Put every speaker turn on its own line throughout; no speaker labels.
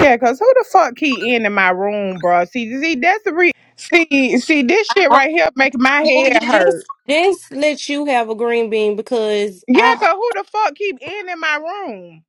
Yeah, cause who the fuck key in in my room, bro? See, see, that's the re. See, see, this shit
Officer
right here making my head
Boogie,
hurt.
just just let you have a green bean because
Yeah,
I
cause who the fuck keep in in my room?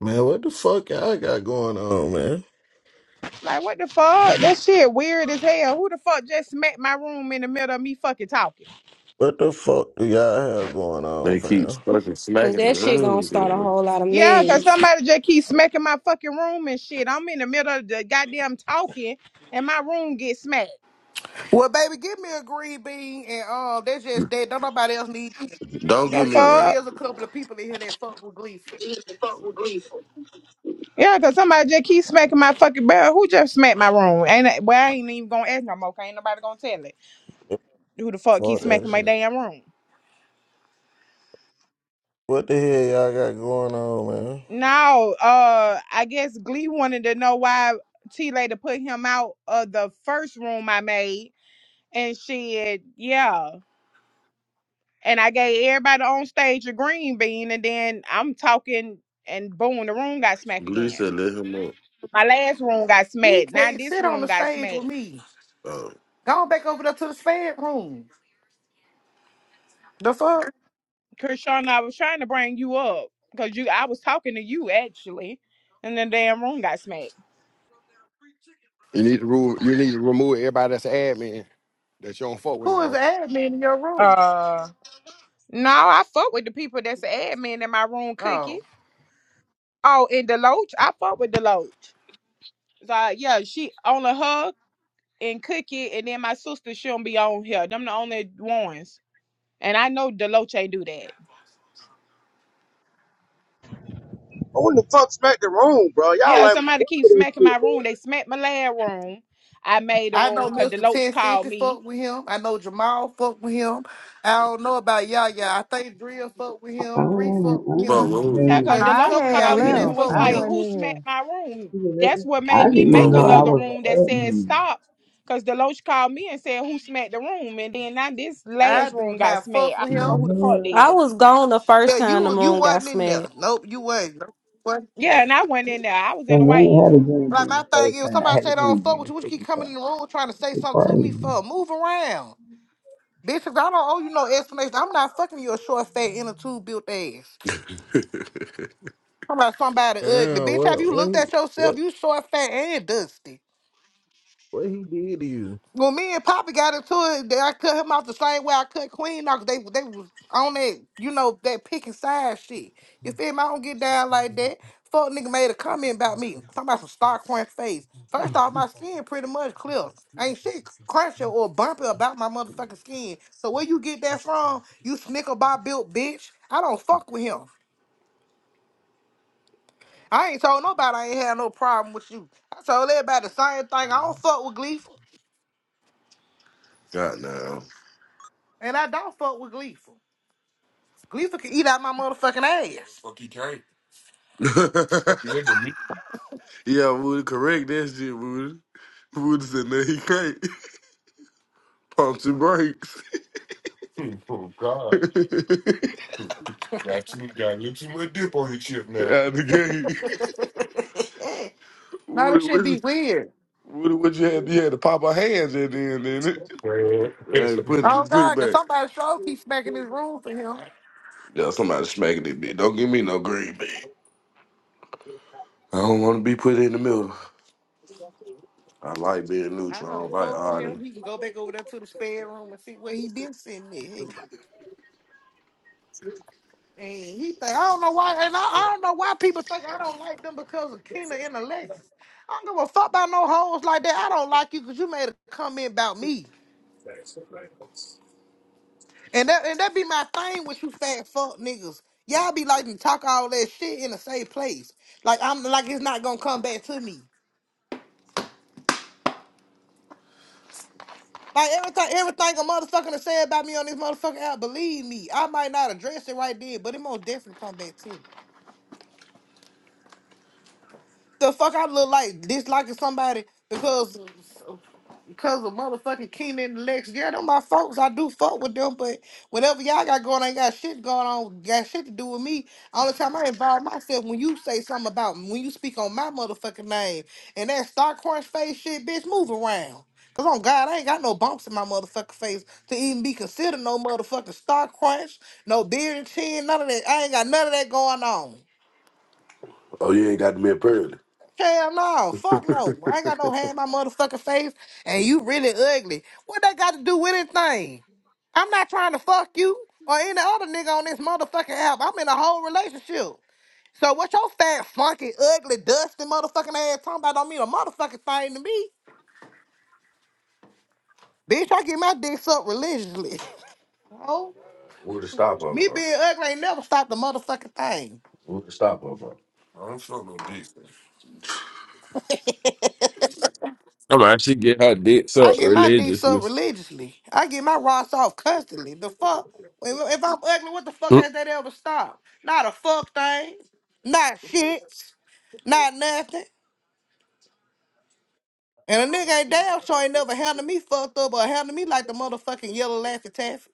Man, what the fuck y'all got going on, man?
Like, what the fuck? That shit weird as hell. Who the fuck just smacked my room in the middle of me fucking talking?
What the fuck do y'all have going on,
They keep
fam?
fucking
because
smacking the
that shit gonna
room,
start a
dude.
whole lot of
Yeah, cause
mess.
somebody just keep smacking my fucking room and shit. I'm in the middle of the goddamn talking, and my room gets smacked.
Well, baby, give me a green bean and um, that's just that. Don't nobody else need it
Don't
The
give me
because it
one.
fuck?
is a couple of people in here that fuck with Gleeful.
Yeah, cause somebody just keep smacking my fucking bell. Who just smacked my room? Ain't that, well, I ain't even gonna ask no more. 'cause Ain't nobody gonna tell it. Who the fuck keep
Fuck that
smacking my
shit.
damn room?
What the hell y'all got going on, man?
No, uh, I guess Glee wanted to know why T Lady put him out of the first room I made, and shit, yeah. And I gave everybody on stage a green bean, and then I'm talking, and boom, the room got smacked
Blue
again.
said let him up.
My last room got
He
smacked. Now
can't
this
sit on
room
the
got
stage
smacked.
with me.
Oh.
Go back over there to the spare room. The fuck?
Kershawn, I was trying to bring you up because you, I was talking to you actually, and the damn room got smacked.
You need to rule, you need to remove everybody that's an admin that you don't fuck with no
Who is
more.
the admin in your room?
Uh, no, I fuck with the people that's the admin in my room, Cookie.
Oh,
Oh, and Deloach, I fuck with Deloach. So yeah, she only her and Cookie, and then my sister shouldn't be on here. Them the only ones, and I know Deloach ain't do that.
Who in the fuck smacked the room, bro? Y'all
Yeah,
like
somebody keep smacking my room. They smacked my last room. I made the
I
room
know
because
Mister
Deloach
Ten
called
Fifty
me.
fuck with him. I know Jamal fuck with him. I don't know about y'all, y'all. I think Drill fuck with
I
him. Bree
don't,
fuck
I
with
don't
Fuck
him.
know,
woo.
Jagger,
Cause
No,
man.
there's a
I
Deloach
couple of
had
y'all
called
in here
me
Man,
that
and
that
left.
was
fuck
I
with
song
like,
him.
went
"Who
in here.
smacked my room?" That's what
I
made me
didn't even
Fuck
make
know I
woo.
another
was an
room that said
admin.
stop. Cause Deloach called me and said, "Who smacked the room?" And then now this
I
last
do
room got
not
smacked.
fuck
I
with
The
don't
him.
know who the fuck
hell?
did
I
it.
was gone the first
Yeah,
time the
you you
room got
wasn't in there.
smacked.
Nope, you wasn't. Nope, you wasn't in there.
Yeah, and I went in there. I was in
And
the
I
way.
ain't had a green
Like
bean
my
the
thing
first
is,
time. I
somebody
had
say
a
they
green
don't fuck
bean
with
the
you. What you keep
second
coming
time.
in the room trying to say
It's
something to me
crazy.
for? Move around, bitch. 'cause I don't owe you no explanation. I'm not fucking your short, fat, inner tube built ass. Talking about somebody ugly,
Damn,
bitch. Have
what
you
what
looked
he
at yourself?
what
You short, fat, and dusty.
what he did to you?
When me and Poppy got into it, that I cut him off the same way I cut Queen off. 'cause They they was on that, you know, that pick and side shit. You feel me? I don't get down like that. Fuck nigga made a comment about me. Talking about some star crunch face. First off, my skin pretty much clear. Ain't shit crunchy or bumpy about my motherfucking skin. So where you get that from, you snicker bob built bitch? I don't fuck with him. I ain't told nobody I ain't had no problem with you. I told everybody the same thing. I don't fuck with Gleeful.
God now.
And I don't fuck with Gleeful. Gleeful can eat out my motherfucking ass. Fuck you can't. I can never meet.
yeah, Woody, correct that shit, Woody. Woody said no, he can't. Pumps and brakes.
you. Oh
Out
God. Got you got a little too much dip on your chip now.
the gate.
no,
Woody,
that shit
what,
be weird.
Woody, what you had? You had to pop our hands at the end, didn't it?
Man.
Hey, put
Oh
it, put it
God, cause
back.
somebody sure keep smacking his room for him.
Yeah, somebody smacking it, bitch. Don't give me no green, bitch. I don't want to be put in the middle. I like being
I
neutral. I don't
don't
like
fuck with
arguing.
him. He can go back over there to the spare room and see where he been sitting at. Hey, And he think I don't know why, and I, I don't know why people think I don't like them because of Kena and Alexis. I don't give a fuck about no hoes like that. I don't like you because you made a comment about me. And that and that be my thing with you fat fuck niggas. Y'all be like to talk all that shit in the same place. Like I'm like it's not gonna come back to me. Like everything everything a motherfucker to say about me on this motherfucking app, believe me, I might not address it right then, but it most definitely come back to me. The fuck I look like disliking somebody because because of motherfucking Keenan and Lex. Yeah, them my folks. I do fuck with them, but whatever y'all got going, I ain't got shit going on. Got shit to do with me. All the time I involve myself when you say something about when you speak on my motherfucking name and that star crunch face shit, bitch, move around. Cause on God, I ain't got no bumps in my motherfucking face to even be considered no motherfucking star crunch, no beard and chin, none of that. I ain't got none of that going on.
Oh, you ain't got to be a parent.
Hell no, fuck no. I ain't got no hair in my motherfucking face, and you really ugly. What that got to do with anything? I'm not trying to fuck you or any other nigga on this motherfucking app. I'm in a whole relationship. So what your fat, funky, ugly, dusty motherfucking ass talking about don't mean a motherfucking thing to me. Bitch, I get my dick sucked religiously. Oh,
Who the stop
me
over?
being ugly ain't never stopped the motherfucking thing.
Who the stop over?
I don't fuck no dick.
I'm actually get her dick
I
sucked
get my dick
religiously.
sucked religiously. I get my rocks off constantly. The fuck? If if I'm ugly, what the fuck has that ever stopped? Not a fuck thing. Not shit. Not nothing. And a nigga ain't damn sure ain't never handled me fucked up or handled me like the motherfucking yellow laffy taffy.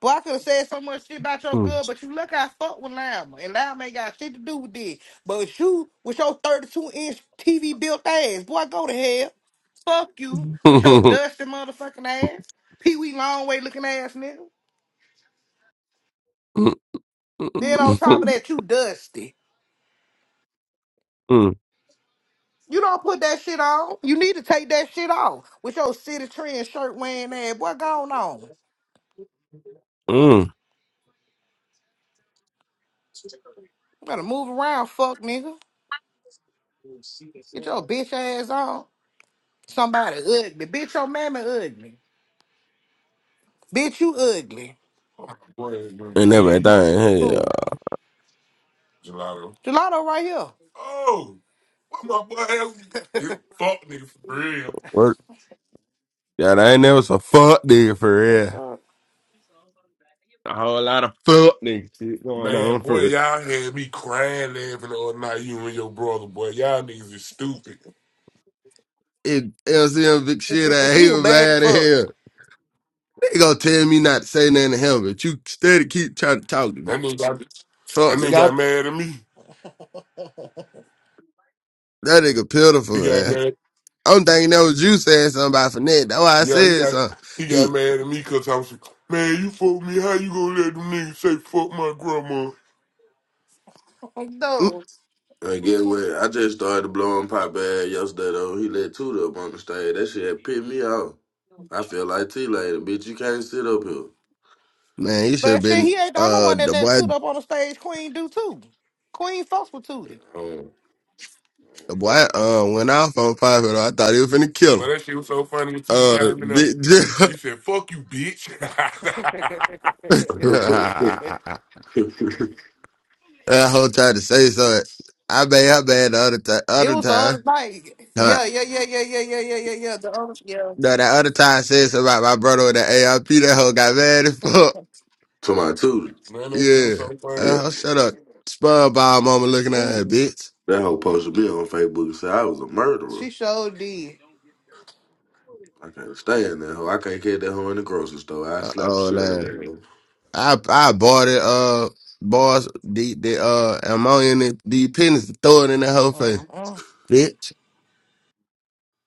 Boy, I could have said so much shit about your
Mm-mm.
girl, but you look I fuck with Lama. And Lama ain't got shit to do with this. But you, with your 32 inch TV built ass, boy, go to hell. Fuck you, with your dusty motherfucking ass. Pee Wee Longway looking ass nigga. Then on top of that, you dusty. You don't put that shit on. You need to take that shit off. With your city trend shirt wearing ass, boy, going on. You
Mm-mm.
better move around, fuck nigga. Get your bitch ass on. Somebody ugly. Bitch, your mammy ugly. Bitch, you ugly. Oh, boy, bro.
and
Me,
everything. Hey, uh,
Who? gelato. Gelato right here. Oh, what my boy ass? This fuck nigga for real.
work. Yeah, I ain't never so fuck nigga for
The
real.
fuck?
A whole lot of fuck nigga shit going
Man,
on for
boy,
real.
y'all had me crying laughing the other night, you and your brother, boy. Y'all niggas is stupid.
It LCM big shit I hate
He was
him
bad as
bad in
fuck.
here. They gonna tell me not to say nothing to him, but you steady keep trying to talk to
That
me.
nigga got that
Fuck that,
nigga got mad at me.
that nigga
He
pitiful,
got
man.
mad.
I'm thinking that was you saying something about Finette. That's why I
Yeah, he
said
got
something.
he got
He
mad at me because I was like, man, you fuck me. How you gonna let them niggas say fuck my grandma? No.
I get where I just started blowing pop bad yesterday though. He let Tuda up on the stage. That shit had pissed me off. I feel like T later, bitch. You can't sit up here.
Man, he should have
But shit,
been.
he ain't the only
Uh,
one that
the
let
boy,
Toot up on the stage. Queen do too. Queen fucks with Tootie.
Um,
the
fuck.
boy, uh, went off on five. I thought he was finna kill
Well,
him.
that shit was so funny when Tootie
Uh,
came in there
big
and you said, fuck you, bitch.
that whole time to say so. I bad, I bad the other time.
it
Other
was the
time,
other night.
Huh.
Yeah, yeah, yeah, yeah, yeah, yeah, yeah, yeah, yeah. The other yeah.
no, that other time I said something about my brother with the ARP. That hoe got mad as fuck.
to my Tuda.
Man, that shit was
Yeah.
so funny.
Yeah.
Uh, shut up. SpongeBob mama looking at her,
Ooh,
bitch.
That whole posted me on Facebook and said I was a murderer.
she sure did.
I can't stand that hoe. I can't carry that hoe in the grocery store. I
Uh
slap the
oh,
shit out of
man.
that hoe.
I I bought it. Uh, bars the the uh ammonia and the, the penis, throw it in the whole face.
Mm-mm.
bitch.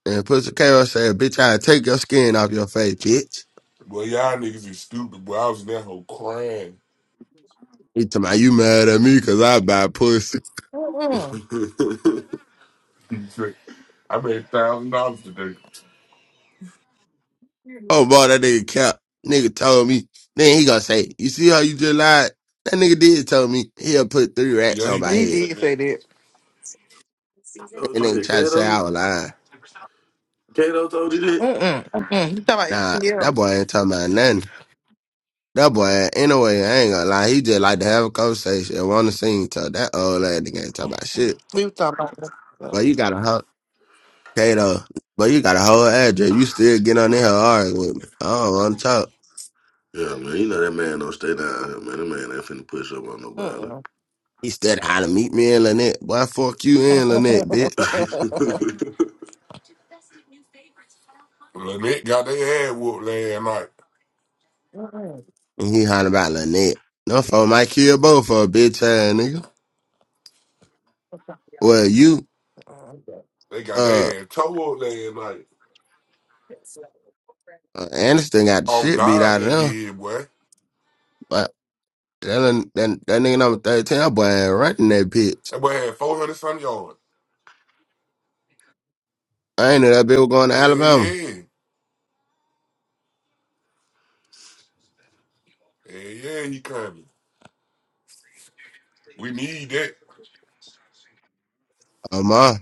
And Pussy K.O. said, bitch, I'll take your skin off your face, bitch.
Well, y'all niggas is stupid, but I was in that whole crying.
He talking me, you mad at me cause I buy pussy.
Mm-mm. He said, I made a thousand dollars today.
Oh boy, that nigga cap. Nigga told me. Then he gonna say, you see how you just lied? That nigga did tell me he'll put three rats
Yeah, he
on
He did
my
say
head.
did that. say that.
oh,
And
you
nigga
did,
try to say
Kato?
I was lying.
Kato told you that?
Mm-mm. Mm-mm. You talking about
Nah,
anything
that
else?
boy ain't talking about nothing. That boy, anyway, I ain't gonna lie. He just like to have a conversation and want to sing. So that old ass nigga ain't talking about shit.
We were talking about that. So,
But you got a hoe. Kato, but you got a whole address. You still get on there arguing with me. I don't want to talk.
Yeah, man, you know that man don't stay down here, man. That man ain't finna push up on nobody.
Mm-mm.
He said how to meet me in Lynette. Boy, fuck you in Lynette, bitch.
Lynette got their ass whooped last night. Mm-mm.
And he hollering about Lynette. No for my kid both for a bitch ass nigga. Well, you,
They got
uh,
their ass toe whooped last night.
uh, Anderson got the
On
shit beat
God,
out of
they
them.
did, boy.
But that, that, that nigga number 13, that boy ain't running that bitch.
That boy had 400 some yards.
I ain't know that bitch was going to
Hell
Alabama.
yeah. Hell yeah, he coming. We need that.
Oh, my.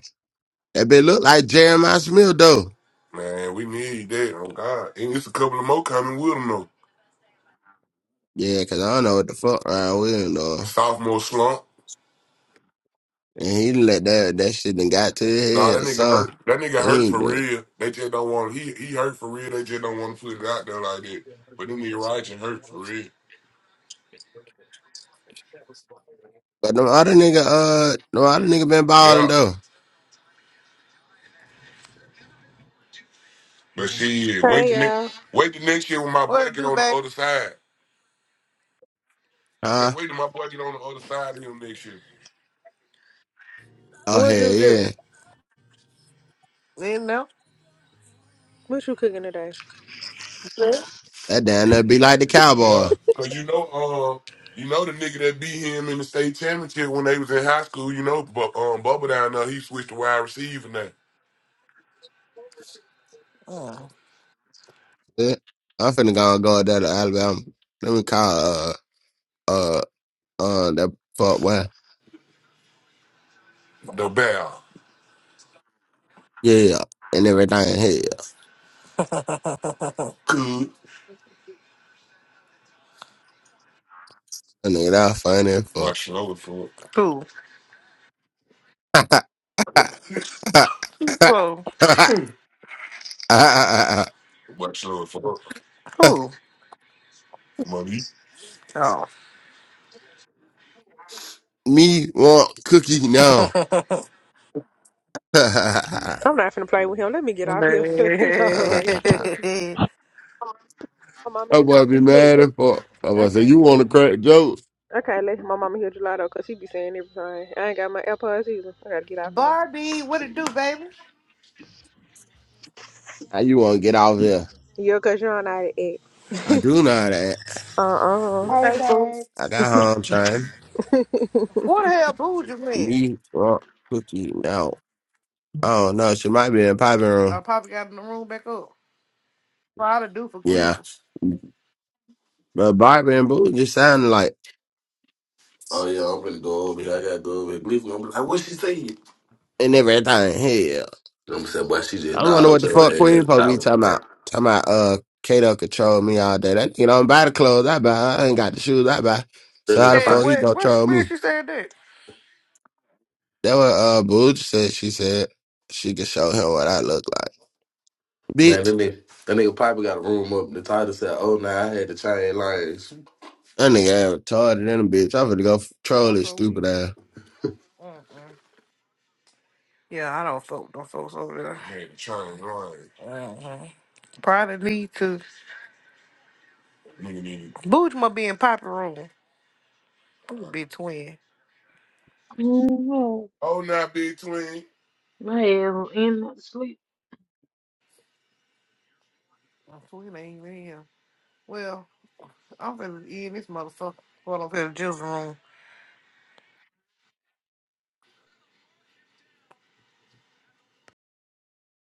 That bitch look like Jeremiah Smith, though.
Man, we need that. On God. And it's a couple of more coming with him, though.
Yeah, 'cause I don't know what the fuck around with him, though.
Sophomore slump.
And he let that that shit done got to his
Nah,
head
that
or
nigga hurt.
something.
That nigga
He
hurt
ain't
for
did.
real. They just don't want. He he hurt for real. They just don't want to put it out there like that. But them nigga Ryan hurt for real.
But the other nigga, uh, no other nigga been balling
Yeah,
though.
but she wait
Hey
the next
y'all,
wait the next year when my boy What get do, on the baby? other side. I
Huh?
said wait till my boy get on the other side of him next year.
Oh
what
hell
you
yeah.
do?
Then know?
What you cooking today?
That damn that be like the cowboy.
Yeah, cause you know, uh, you know the nigga that beat him in the state championship when they was in high school. You know, but um, Bubba down there, he switched to wide receiver now. Oh,
Yeah. I'm finna go go down to Alabama. Let me call uh uh uh that fuck well.
The bell,
Yeah. And everything. Hell.
good.
That nigga that funny as
My
fuck.
shoulder for it. cool. Bro, Watch your fuck. who? Money. Oh.
Me want cookie now.
I'm not finna play with him. Let me get off here. He always- my mom in
That's
the
what I be
company too.
mad at for. I
I
was say
can't
you
let
want to
him.
crack jokes.
I can't let my mama hear gelato because she be saying everything. I ain't got my AirPods either. I gotta get off here.
Barbie, what it do, baby?
How you want to get out of here?
Yeah, cause you're not at it.
I do know that.
Uh uh
Hey,
Hey, boo.
babe.
I got home trying.
What the hell booed you man?
Me, well, cookie. No, oh no, she might be in Bobby
I
room.
probably got in the room back up. Try to do for
Yeah,
gleeful.
but Barbie and Boo just sounded like
oh, yeah, I'm finna go over here. I gotta go over here. Believe me, I'm like, what she saying?
and everything. Hell,
I'm saying, boy, she just
I wonder what
dogged
the
her
fuck Queen
ass
supposed to be
out,
talking
man.
about. Talking about uh, Kato control me all day. That kid don't buy the clothes I buy. I ain't got the shoes I buy.
That
So how the
nigga
Hey,
fuck
Pop,
he
where,
gonna
where,
troll
where
me?
she said that?
That what uh Boo just said. She said she could show him what I look like.
man,
Bitch,
that nigga, that nigga Pop got a room up. The title said, oh, nah, I had to change lanes.
That nigga ass retarded in a bitch. I finna go f- troll
I'm
his
so
stupid
weak.
ass.
Mm-mm. Yeah, I don't folk, don't folks over there. Man, trying to grind. Mm-hmm. Probably need to. Nigga need. Booge must be in Poppy room. Booge be twin.
Mhm.
Oh, not big twin.
I am in sleep.
My sweet ain't real. Well, I'm finna eat this motherfucker. Well, I'm finna juice room.